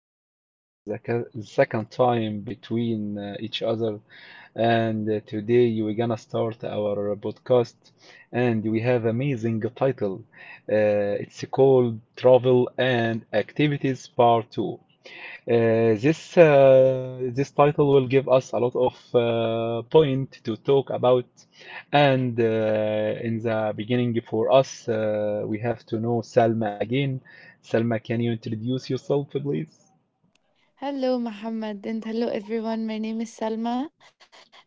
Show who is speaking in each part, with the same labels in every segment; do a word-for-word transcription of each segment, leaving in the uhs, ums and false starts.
Speaker 1: Again, this is the ca- second time between uh, each other, and uh, today we're gonna start our podcast, and we have amazing title. Uh, it's called Travel and Activities Part Two. Uh, this uh, this title will give us a lot of uh, point to talk about, and uh, in the beginning for us, uh, we have to know Salma again. Salma, can you introduce yourself, please?
Speaker 2: Hello, Muhammad, and hello, everyone. My name is Salma.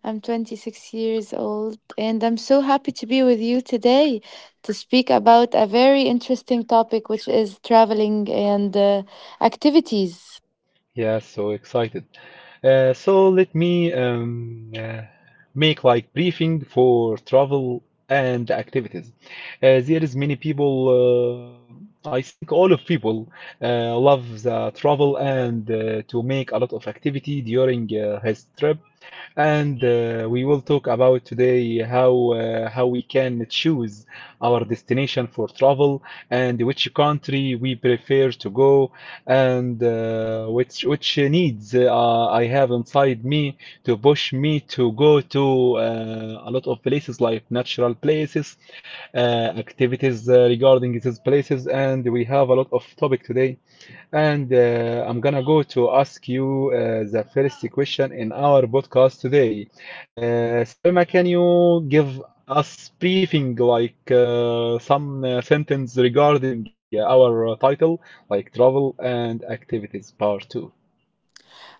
Speaker 2: I'm twenty-six years old, and I'm so happy to be with you today to speak about a very interesting topic, which is traveling and uh, activities.
Speaker 1: Yeah, so excited. Uh, so let me um, uh, make like briefing for travel and activities. Uh, there is many people. Uh, I think all of people uh, love the travel and uh, to make a lot of activity during uh, his trip. And uh, we will talk about today how uh, how we can choose our destination for travel and which country we prefer to go and uh, which which needs uh, I have inside me to push me to go to uh, a lot of places like natural places, uh, activities uh, regarding these places, and we have a lot of topic today. And uh, I'm gonna go to ask you uh, the first question in our podcast today. Uh, Salma, can you give us briefing, like uh, some uh, sentence regarding uh, our uh, title, like travel and activities part two?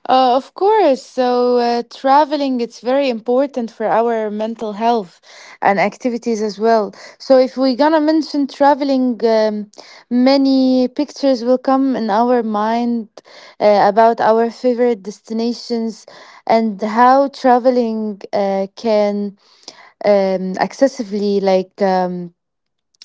Speaker 2: Uh, of course. So, uh, traveling, it's very important for our mental health and activities as well. So, if we're gonna mention traveling, um, many pictures will come in our mind uh, about our favorite destinations and how traveling uh, can um, accessively like um,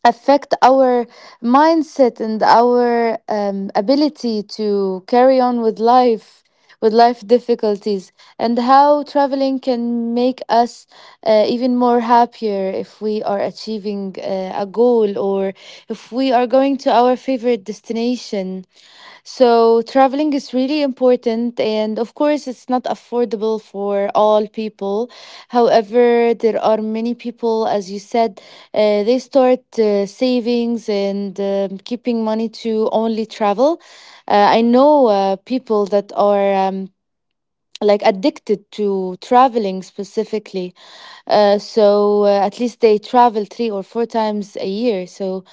Speaker 2: affect our mindset and our um, ability to carry on with life with life difficulties and how traveling can make us uh, even more happier if we are achieving uh, a goal or if we are going to our favorite destination, so traveling is really important, and of course, it's not affordable for all people. However, there are many people, as you said, uh, they start uh, savings and um, keeping money to only travel. Uh, I know uh, people that are. Um, like addicted to traveling specifically. Uh, so uh, at least they travel three or four times a year. So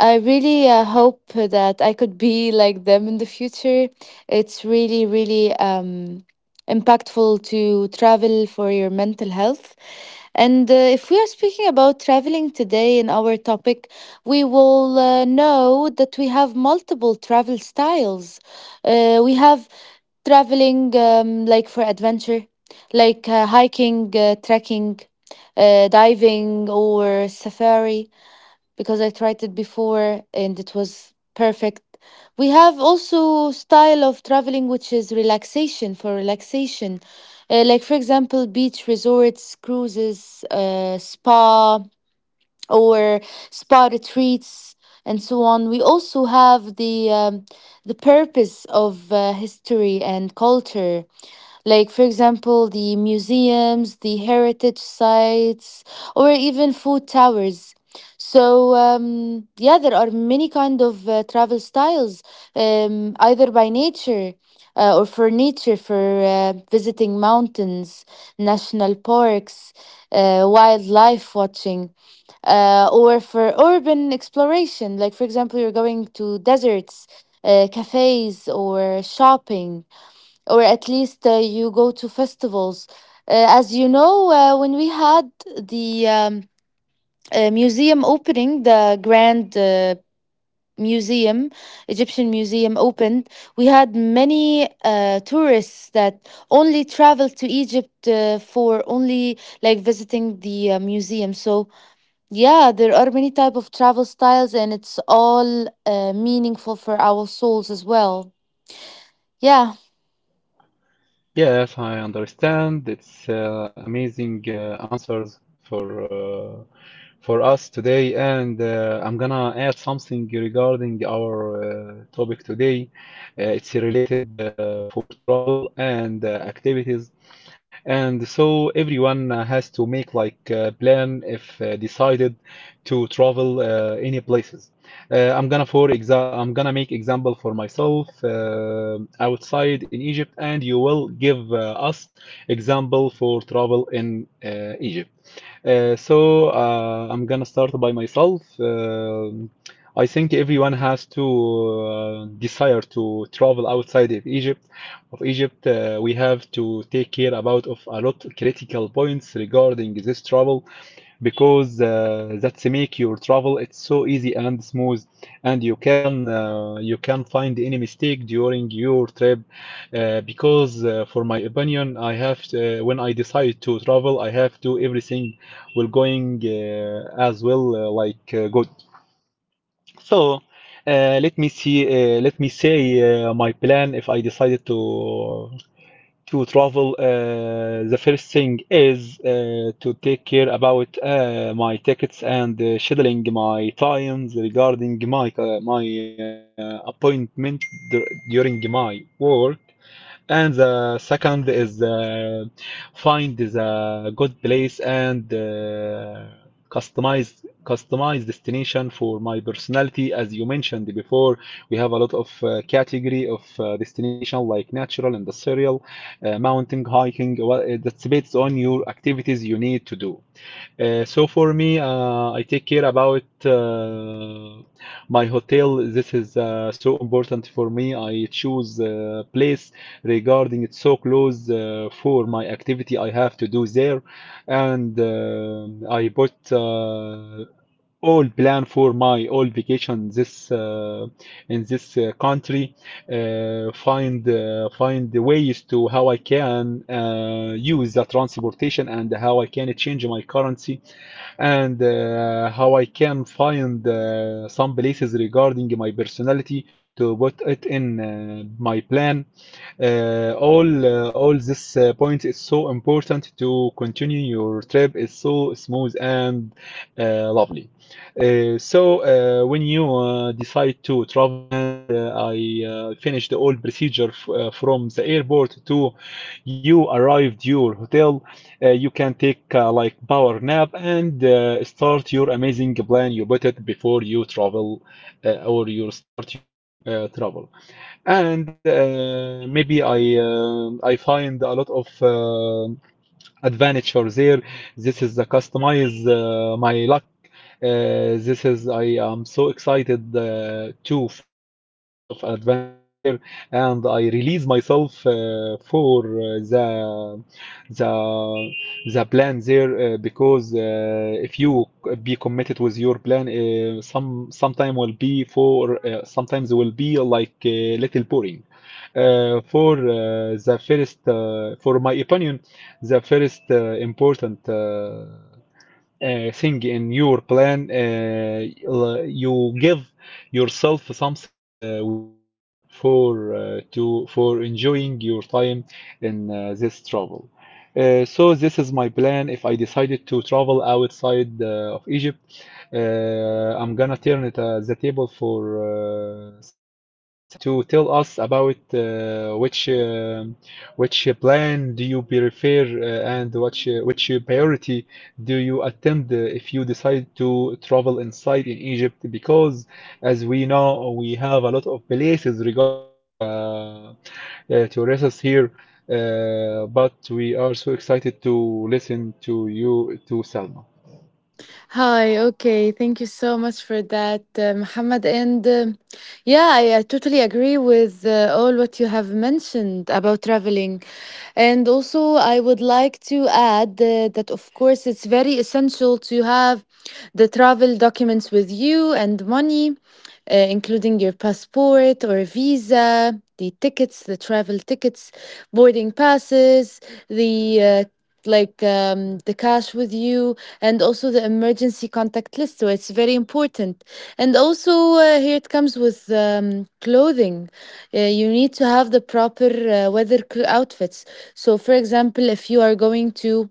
Speaker 2: I really uh, hope that I could be like them in the future. It's really, really um, impactful to travel for your mental health. And uh, if we are speaking about traveling today in our topic, we will uh, know that we have multiple travel styles. Uh, we have traveling, um, like for adventure, like uh, hiking, uh, trekking, uh, diving, or safari, because I tried it before and it was perfect. We have also style of traveling which is relaxation for relaxation, uh, like for example beach resorts, cruises, uh, spa, or spider treats and so on. We also have the um, the purpose of uh, history and culture, like for example the museums, the heritage sites, or even food towers. So um, yeah, there are many kind of uh, travel styles, um, either by nature. Uh, or for nature, for uh, visiting mountains, national parks, uh, wildlife watching uh, or for urban exploration. Like, for example, you're going to deserts, uh, cafes, or shopping, or at least uh, you go to festivals. Uh, as you know, uh, when we had the um, uh, museum opening, the grand uh, museum, Egyptian museum opened, we had many uh, tourists that only traveled to Egypt uh, for only like visiting the uh, museum. So yeah, there are many type of travel styles and it's all uh, meaningful for our souls as well. Yeah.
Speaker 1: Yes, I understand. It's uh, amazing uh, answers for uh, for us today, and uh, I'm gonna add something regarding our uh, topic today. Uh, it's related uh, for travel and uh, activities, and so everyone uh, has to make like a plan if uh, decided to travel uh, any places. Uh, I'm gonna for exa I'm gonna make example for myself uh, outside in Egypt, and you will give uh, us example for travel in uh, Egypt. Uh, so uh, I'm gonna start by myself. Um I think everyone has to uh, desire to travel outside of Egypt. Of Egypt, uh, we have to take care about of a lot critical points regarding this travel because uh, that's make your travel it's so easy and smooth and you can uh, you can find any mistake during your trip uh, because uh, for my opinion I have to, uh, when I decide to travel I have to everything will going uh, as well uh, like uh, good so uh, let me see uh, let me say uh, my plan if I decided to to travel, uh, the first thing is uh, to take care about uh, my tickets and uh, scheduling my times regarding my uh, my uh, appointment dur- during my work. And the second is uh, find the good place and uh, customize customize destination for my personality. As you mentioned before, we have a lot of uh, category of uh, destination like natural, industrial, uh, mountain, hiking. Well, it- that's based on your activities you need to do. Uh, so for me, uh, I take care about uh, my hotel. This is uh, so important for me. I choose uh, place regarding it's so close uh, for my activity I have to do there, and um I put uh, all plan for my all vacation this uh, in this uh, country. Uh, find uh, find the ways to how I can uh, use the transportation and how I can change my currency and uh, how I can find uh, some places regarding my personality to put it in uh, my plan uh, all uh, all this uh, point is so important to continue your trip is so smooth and uh, lovely. Uh, so uh, when you uh, decide to travel and uh, I uh, finished the whole procedure f uh, from the airport to you arrived your hotel, uh, you can take uh, like power nap and uh, start your amazing plan you put it before you travel uh, or you start your uh, travel and uh, maybe I um I find a lot of uh, advantage for there. This is the customize uh, my luck. Uh, this is I am so excited uh, to find a lot of adventure there, and I release myself uh, for uh, the the the plan there uh, because uh, if you be committed with your plan, uh, some sometime will be for uh, sometimes will be like a little boring. Uh, for uh, the first, uh, for my opinion, the first uh, important uh, uh, thing in your plan uh, you give yourself something uh, without plan for uh, to for enjoying your time in uh, this travel uh, so this is my plan if I decided to travel outside uh, of Egypt. uh, I'm gonna turn it uh, the table for uh, Salma to tell us about uh, which um which plan do you prefer uh, and which uh, which priority do you attempt uh, if you decide to travel inside in Egypt? Because as we know, we have a lot of places regarding the uh, tourists here, uh, but we are so excited to listen to you, to Salma.
Speaker 2: Hi, okay, thank you so much for that, uh, Muhammad. And um yeah, I, I totally agree with uh, all what you have mentioned about traveling. And also, I would like to add uh, that, of course, it's very essential to have the travel documents with you and money, uh, including your passport or visa, the tickets, the travel tickets, boarding passes, the uh, like um, the cash with you and also the emergency contact list, so it's very important. And also, uh, here it comes with um, clothing. Uh, you need to have the proper uh, weather cl- outfits. So for example, if you are going to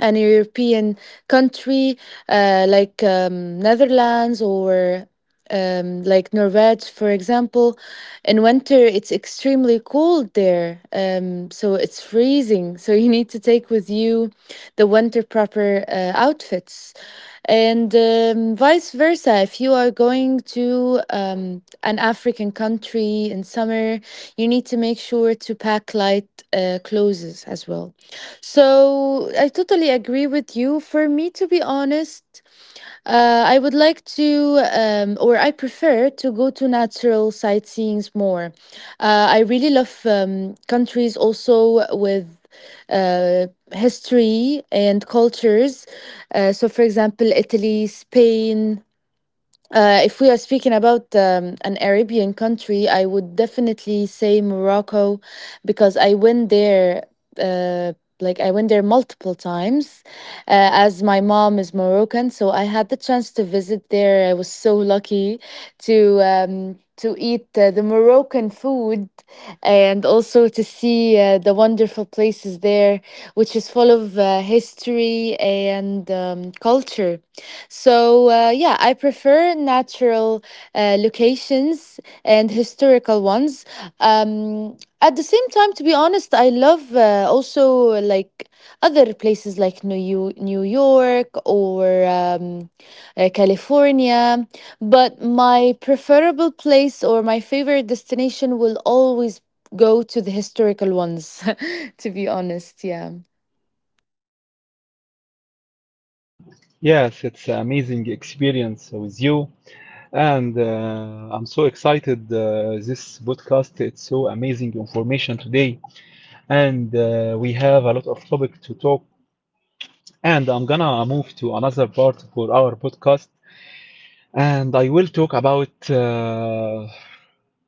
Speaker 2: an European country uh, like um, Netherlands or um, like Norway, for example. In winter, it's extremely cold there, um, so it's freezing. So you need to take with you the winter proper uh, outfits, and um, vice versa. If you are going to um, an African country in summer, you need to make sure to pack light uh, clothes as well. So I totally agree with you. For me, to be honest, uh, I would like to, um, or I prefer to go to natural sightseeings more. Uh, I really love um, countries also with uh, history and cultures. Uh, so, for example, Italy, Spain, uh, if we are speaking about um, an Arabian country, I would definitely say Morocco because I went there. Uh, like I went there multiple times, uh, as my mom is Moroccan, so I had the chance to visit there. I was so lucky to um, to eat uh, the Moroccan food and also to see uh, the wonderful places there there, which is full of uh, history and um, culture. So, uh, yeah, I prefer natural uh, locations and historical ones. Um, at the same time, to be honest, I love uh, also like other places like New Yo- New York or um, uh, California, but my preferable place or my favorite destination will always go to the historical ones, to be honest. Yeah.
Speaker 1: Yes, it's an amazing experience with you. And uh, I'm so excited. Uh, this podcast, it's so amazing information today. And uh, we have a lot of topic to talk. And I'm gonna move to another part for our podcast and I will talk about uh,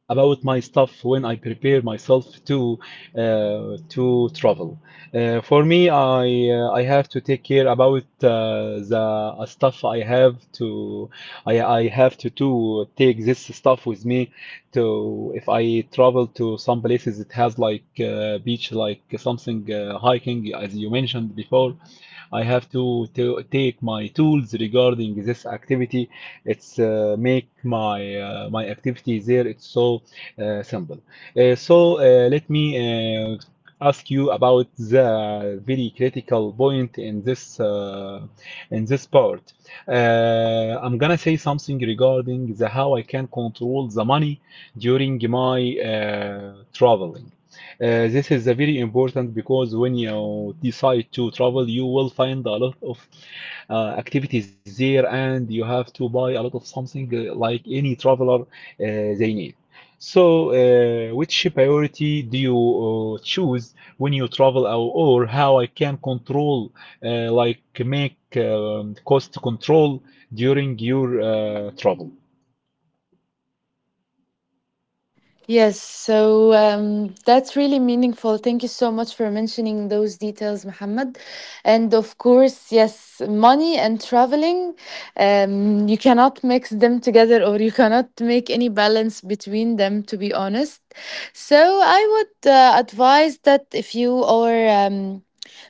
Speaker 1: about my stuff when I prepare myself to uh, to travel. Uh, for me, I uh, I have to take care about uh, the uh, stuff I have to I I have to to take this stuff with me to if I travel to some places it has like uh, beach like something uh, hiking as you mentioned before. I have to, to take my tools regarding this activity it's uh, make my uh, my activities there. It's so uh, simple. Uh, so uh, let me uh, ask you about the very critical point in this uh, in this part. Uh, I'm gonna say something regarding the how I can control the money during my uh, traveling. Uh, this is a very important because when you decide to travel, you will find a lot of uh, activities there, and you have to buy a lot of something uh, like any traveler uh, they need. So, uh, which priority do you uh, choose when you travel, or, or how I can control, uh, like make um, cost control during your uh, travel?
Speaker 2: Yes, so um, that's really meaningful. Thank you so much for mentioning those details, Mohammed. And of course, yes, money and traveling, um, you cannot mix them together or you cannot make any balance between them, to be honest. So I would uh, advise that if you are um,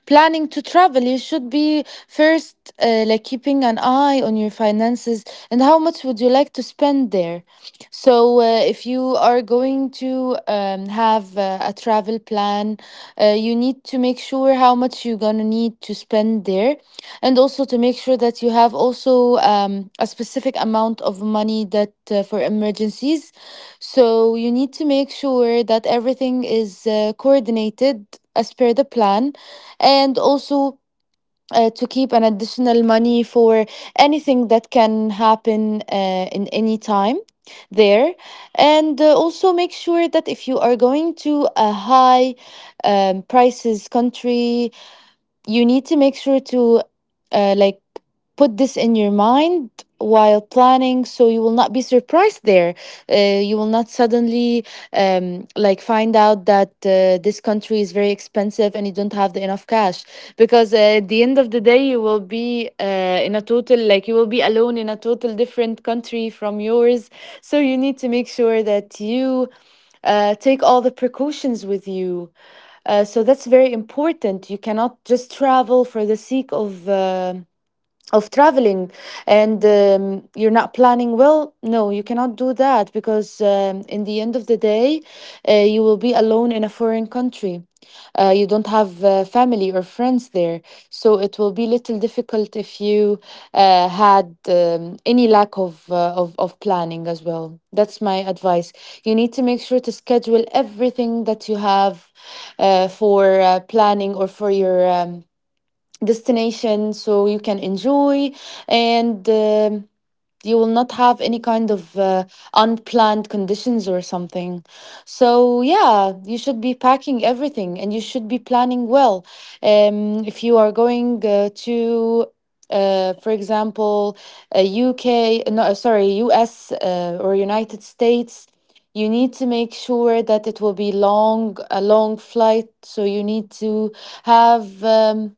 Speaker 2: planning to travel, you should be first uh, like keeping an eye on your finances and how much would you like to spend there. So, uh, if you are going to um, have uh, a travel plan, uh, you need to make sure how much you're gonna need to spend there, and also to make sure that you have also um, a specific amount of money that uh, for emergencies. So you need to make sure that everything is uh, coordinated as per the plan, and also uh, to keep an additional money for anything that can happen uh, in any time there, and uh, also make sure that if you are going to a high um, prices country, you need to make sure to uh, like put this in your mind while planning so you will not be surprised there. Uh, you will not suddenly um, like find out that uh, this country is very expensive and you don't have the enough cash, because uh, at the end of the day you will be uh, in a total, like you will be alone in a total different country from yours. So you need to make sure that you uh, take all the precautions with you. Uh, so that's very important. You cannot just travel for the sake of uh, of traveling and um, you're not planning well. No, you cannot do that because um, in the end of the day uh, you will be alone in a foreign country. Uh, you don't have uh, family or friends there, so it will be little difficult if you uh, had um, any lack of, uh, of of planning as well. That's my advice. You need to make sure to schedule everything that you have uh, for uh, planning or for your um, destination so you can enjoy, and um you will not have any kind of uh, unplanned conditions or something. So, yeah, you should be packing everything and you should be planning well. Um, if you are going uh, to, uh, for example, a U K, no, uh, sorry, U S uh, or United States, you need to make sure that it will be long, a long flight. So, you need to have. Um,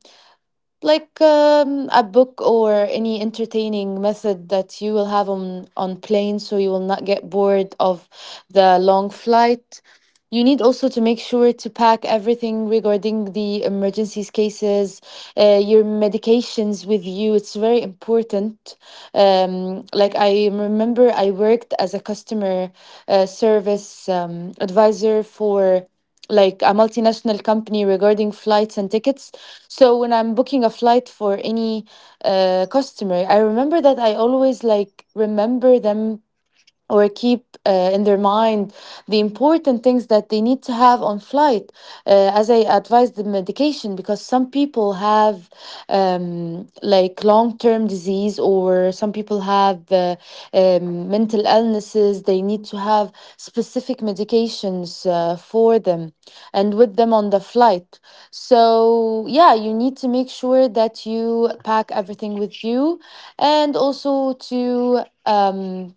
Speaker 2: like um, a book or any entertaining method that you will have on on plane so you will not get bored of the long flight. You need also to make sure to pack everything regarding the emergencies cases. Uh, your medications with you, it's very important. Um, like I remember I worked as a customer uh, service um, advisor for like a multinational company regarding flights and tickets. So when I'm booking a flight for any uh, customer, I remember that I always like remember them or keep uh, in their mind the important things that they need to have on flight. Uh, as I advise the medication, because some people have um, like long-term disease, or some people have uh, um, mental illnesses, they need to have specific medications uh, for them and with them on the flight. So yeah, you need to make sure that you pack everything with you, and also to um,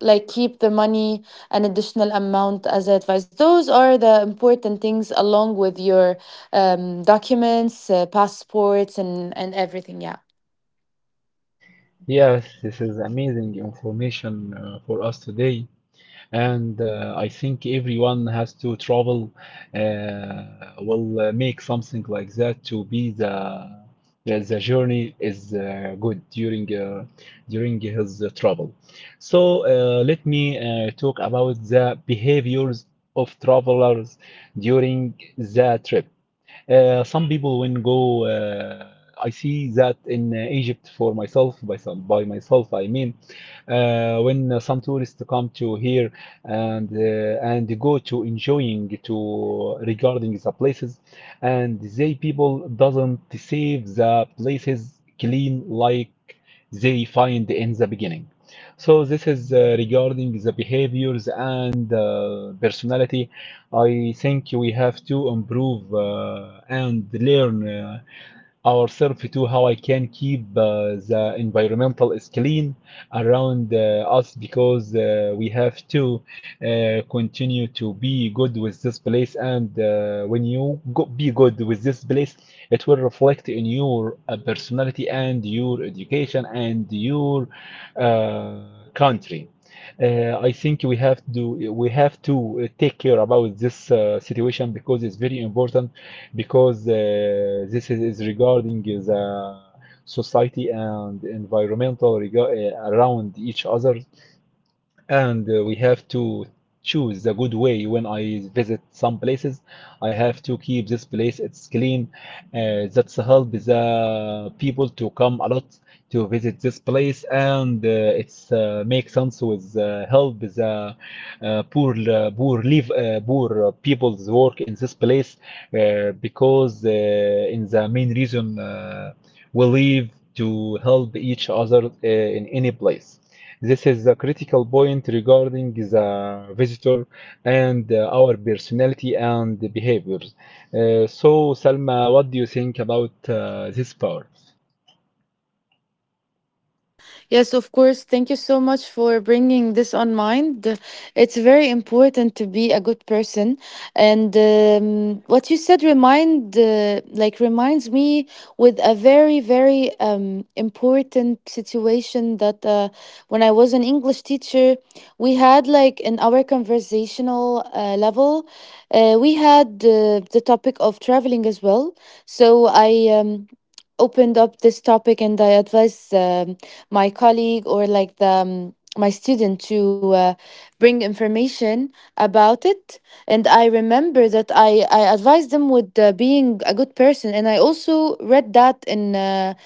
Speaker 2: like keep the money, an additional amount, as advice. Those are the important things along with your um, documents, uh, passports and and everything. Yeah.
Speaker 1: Yes, this is amazing information uh, for us today. And uh, I think everyone has to travel uh, will uh, make something like that to be the the, the journey is uh, good during uh, during his uh, travel. So uh, let me uh, talk about the behaviors of travelers during the trip. Uh, some people when go, uh, I see that in uh, Egypt for myself, by some, by myself, I mean, uh, when uh, some tourists come to here and uh, and they go to enjoying to regarding the places, and they people doesn't save the places clean like they find in the beginning. So this is uh, regarding the behaviors and uh, personality. I think we have to improve uh, and learn uh, ourselves to how I can keep uh, the environmental is clean around uh, uh, us because uh, we have to uh, continue to be good with this place. And uh, when you go be good with this place, it will reflect in your uh, personality and your education and your uh, country. Uh, I think we have to we have to uh, take care about this uh, situation because it's very important because uh, this is, is regarding the society and environmental rega- uh, around each other and uh, we have to choose a good way when I visit some places. I have to keep this place it's clean. Uh, that's help the people to come a lot to visit this place, and uh, it's uh, makes sense with uh, help the uh, poor uh, poor live uh, poor uh, people's work in this place uh, because uh, in the main reason uh, we live to help each other uh, in any place. This is the critical point regarding the visitor and uh, our personality and behaviors. Uh, so, Salma, what do you think about uh, this part?
Speaker 2: Yes, of course. Thank you so much for bringing this on mind. It's very important to be a good person, and um, what you said remind uh, like reminds me with a very very um, important situation that uh, when I was an English teacher, we had like in our conversational uh, level, uh, we had uh, the topic of traveling as well. So I um, opened up this topic and I advise um, my colleague, or like the um, my student, to uh, bring information about it. And I remember that i i advised them with uh, being a good person, and I also read that in uh,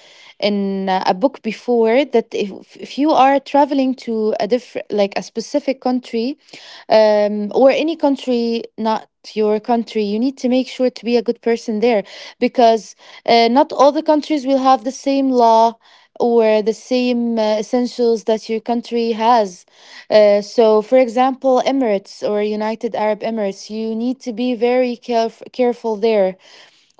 Speaker 2: in uh, a book before that if, if you are traveling to a different, like a specific country, um, or any country not your country, you need to make sure to be a good person there, because uh, not all the countries will have the same law or the same uh, essentials that your country has. Uh, so, for example, Emirates, or United Arab Emirates, you need to be very caref- careful there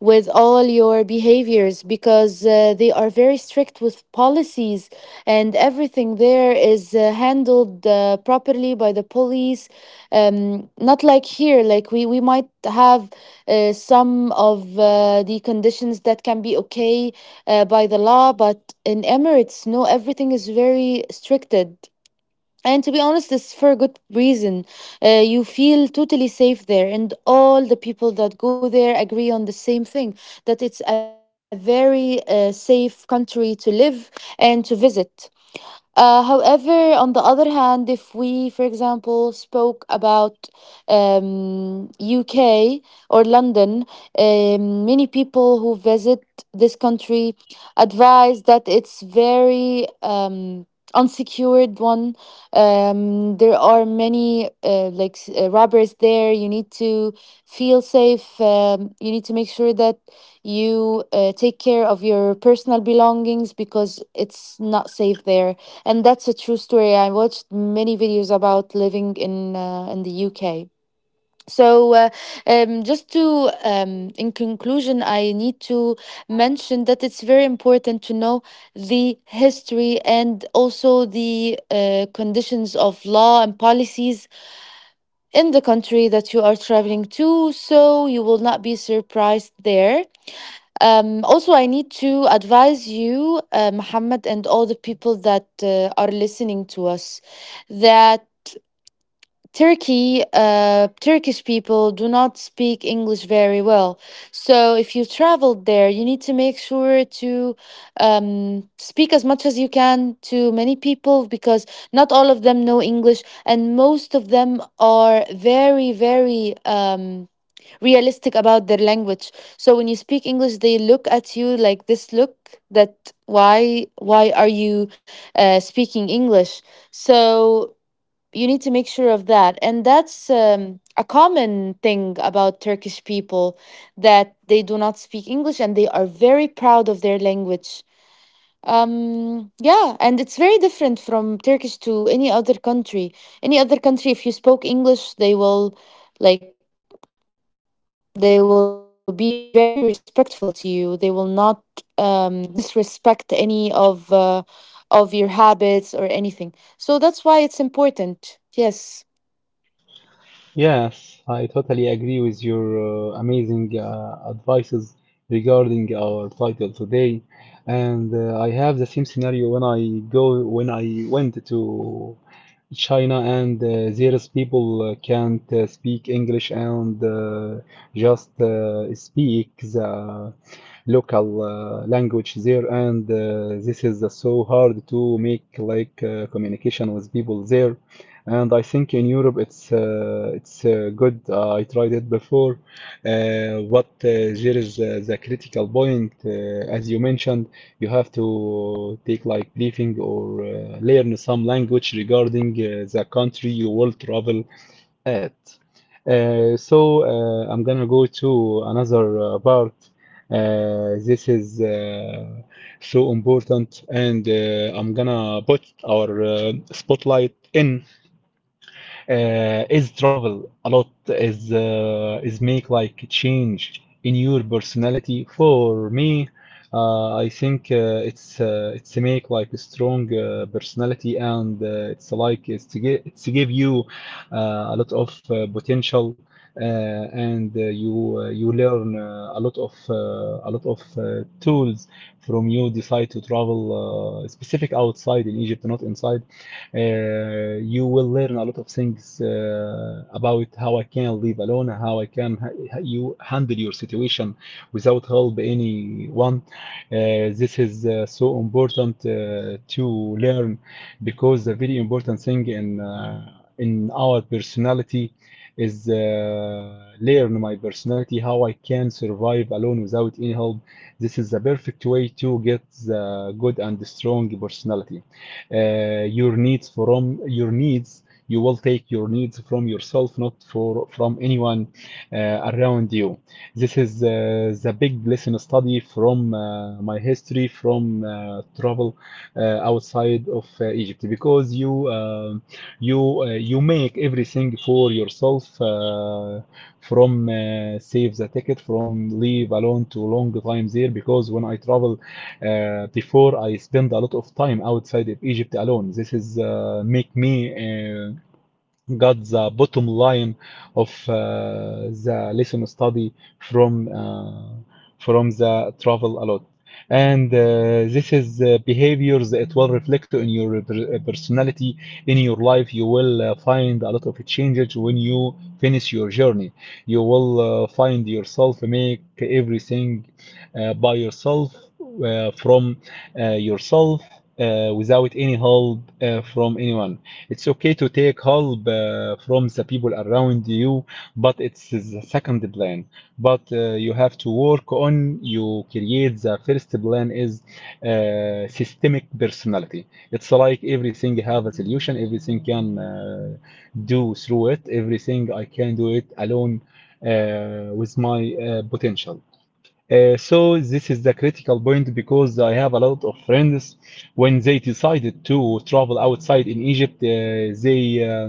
Speaker 2: with all your behaviors, because uh, they are very strict with policies, and everything there is uh, handled uh, properly by the police. Um, not like here, like we, we might have uh, some of uh, the conditions that can be okay uh, by the law. But in Emirates, no, everything is very stricted, and to be honest, it's for a good reason. Uh, you feel totally safe there, and all the people that go there agree on the same thing, that it's a very uh, safe country to live and to visit. Uh, however, on the other hand, if we, for example, spoke about um, U K or London, um, many people who visit this country advise that it's very um, unsecured one. Um, there are many uh, like s- uh, robbers there. You need to feel safe. Um, you need to make sure that you uh, take care of your personal belongings, because it's not safe there. And that's a true story. I watched many videos about living in uh, in the UK. So uh, um, just to um, in conclusion, I need to mention that it's very important to know the history, and also the uh, conditions of law and policies in the country that you are traveling to, so you will not be surprised there. Um, also, I need to advise you, uh, Muhammad, and all the people that uh, are listening to us, that Turkey, uh, Turkish people do not speak English very well. So if you traveled there, you need to make sure to um, speak as much as you can to many people, because not all of them know English, and most of them are very, very. Um, realistic about their language. So when you speak English, they look at you like this look, that why why are you uh, speaking English? So you need to make sure of that, and that's um, a common thing about Turkish people, that they do not speak English, and they are very proud of their language. Um, yeah, and it's very different from Turkish to any other country. Any other country, if you spoke English, they will, like, they will be very respectful to you. They will not um, disrespect any of uh, of your habits or anything. So that's why it's important. Yes.
Speaker 1: Yes, I totally agree with your uh, amazing uh, advices regarding our title today. And uh, I have the same scenario when I go when I went to China and uh, there's people uh, can't uh, speak English and uh, just uh, speak the local uh, language there and uh, this is uh, so hard to make like uh, communication with people there and I think in Europe it's uh, it's uh, good. Uh, I tried it before. Uh, what uh, There is uh, the critical point, uh, as you mentioned, you have to take like briefing or uh, learn some language regarding uh, the country you will travel at. Uh, so uh, I'm gonna go to another uh, part. Uh, this is uh, so important, and uh, I'm gonna put our uh, spotlight in, uh, is travel a lot is uh, is make like change in your personality. For me, uh, I think uh, it's uh, it's make like a strong uh, personality, and uh, it's like it's to give it's to give you uh, a lot of uh, potential, uh, and uh, you uh, you learn uh, a lot of uh, a lot of uh, tools from. You decide to travel, uh, specific outside in Egypt, not inside. Uh, you will learn a lot of things uh, about how I can live alone, how I can, how you handle your situation without help anyone. Uh, this is uh, so important uh, to learn, because the very important thing in, uh, in our personality is, uh, learn my personality, how I can survive alone without any help. This is the perfect way to get the good and strong personality. Uh, your needs, from your needs, you will take your needs from yourself, not for from anyone uh, around you. This is uh, the big lesson study from uh, my history, from uh, travel uh, outside of uh, Egypt, because you uh, you uh, you make everything for yourself, uh, from uh, save the ticket, from leave alone to long time there, because when I travel, uh, before, I spend a lot of time outside of Egypt alone. This is uh, make me uh, got the bottom line of uh, the lesson study from uh, from the travel a lot. And uh, this is uh, behaviors that will reflect on your personality in your life. You will uh, find a lot of changes when you finish your journey. You will uh, find yourself make everything uh, by yourself uh, from uh, yourself, uh, without any help uh, from anyone. It's okay to take help uh, from the people around you, but it's the second plan. But uh, you have to work on, you create the first plan is uh, systemic personality. It's like everything have a solution, everything can uh, do through it, everything I can do it alone uh, with my uh, potential. Uh, so this is the critical point, because I have a lot of friends when they decided to travel outside in Egypt, uh, they uh,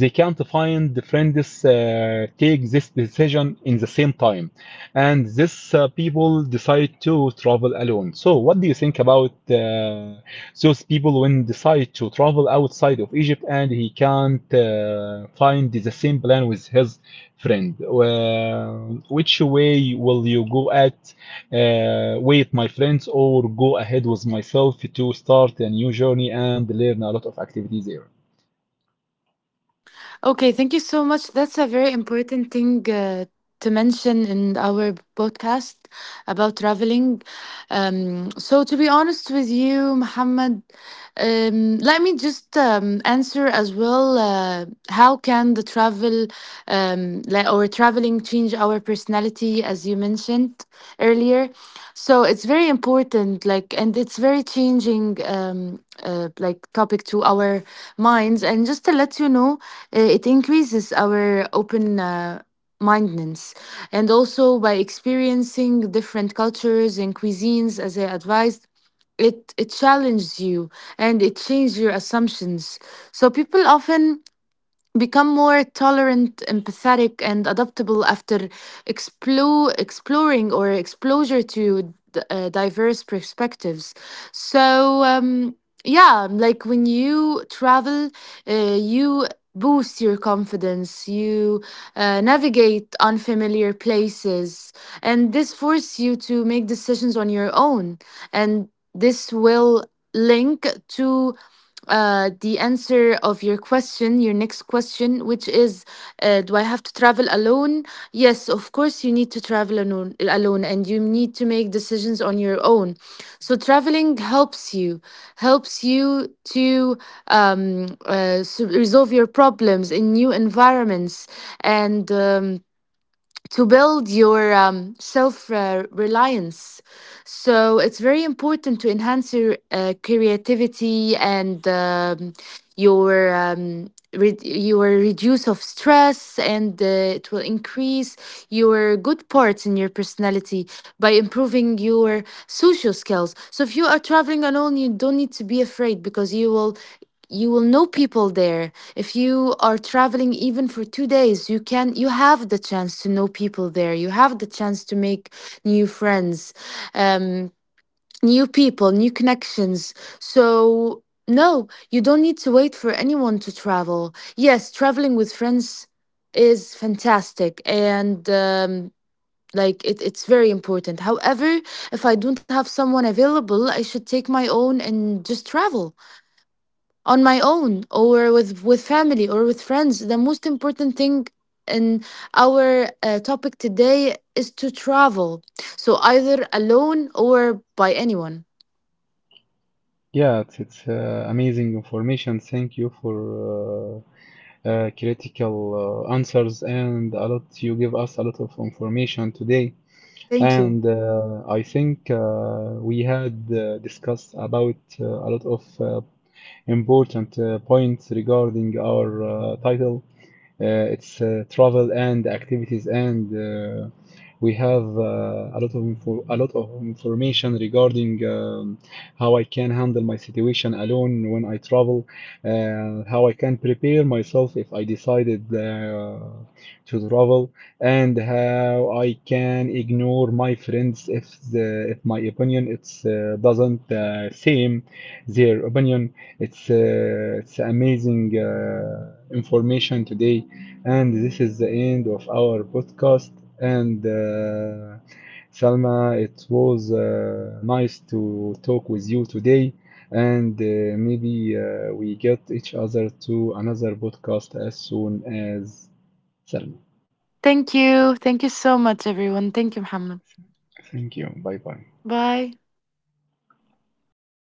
Speaker 1: they can't find the friends uh, take this decision in the same time, and this uh, people decide to travel alone. So what do you think about uh, those people when decide to travel outside of Egypt and he can't uh, find the same plan with his friend? Uh, which way will you go at? Uh, wait, my friends, or go ahead with myself to start a new journey and learn a lot of activities there?
Speaker 2: Okay, thank you so much. That's a very important thing uh, to mention in our podcast about traveling. Um, so, to be honest with you, Muhammad, um, let me just um, answer as well, uh, how can the travel um, like, or traveling, change our personality, as you mentioned earlier? So it's very important, like, and it's very changing, um, uh, like, topic to our minds. And just to let you know, uh, it increases our open uh, mindedness, and also by experiencing different cultures and cuisines, as I advised. It, it challenges you, and it changes your assumptions. So people often become more tolerant, empathetic, and adaptable after explore, exploring, or exposure to d- uh, diverse perspectives. So, um, yeah, like, when you travel, uh, you boost your confidence, you uh, navigate unfamiliar places, and this force you to make decisions on your own. And this will link to uh, the answer of your question, your next question, which is, uh, do I have to travel alone? Yes, of course, you need to travel alone, alone, and you need to make decisions on your own. So traveling helps you, helps you to um, uh, s- resolve your problems in new environments and. Um, to build your um, self uh, reliance. So it's very important to enhance your uh, creativity, and um, your. Um, re- your reduce of stress, and uh, it will increase your good parts in your personality by improving your social skills. So if you are traveling alone, you don't need to be afraid, because you will you will know people there. If you are traveling even for two days, you can you have the chance to know people there, you have the chance to make new friends, um, new people, new connections. So no, you don't need to wait for anyone to travel. Yes, traveling with friends is fantastic, and um, like, it, it's very important. However, if I don't have someone available, I should take my own and just travel on my own, or with with family, or with friends. The most important thing in our uh, topic today is to travel. So either alone or by anyone.
Speaker 1: Yeah, it's, it's uh, amazing information. Thank you for uh, uh, critical uh, answers and a lot. You give us a lot of information today.
Speaker 2: thank you
Speaker 1: And uh, I think uh, we had uh, discussed about uh, a lot of uh, important uh, points regarding our uh, title. Uh, it's uh, travel and activities, and uh, we have uh, a lot of info- a lot of information regarding um, how I can handle my situation alone when I travel, uh, how I can prepare myself if I decided uh, to travel, and how I can ignore my friends if the, if my opinion it's uh, doesn't uh, same their opinion. It's uh, it's amazing uh, information today, and this is the end of our podcast. And uh, Salma, it was uh, nice to talk with you today. And uh, maybe uh, we get each other to another podcast as soon as, Salma.
Speaker 2: Thank you, thank you so much, everyone. Thank you, Muhammad.
Speaker 1: Thank you. Bye bye.
Speaker 2: Bye.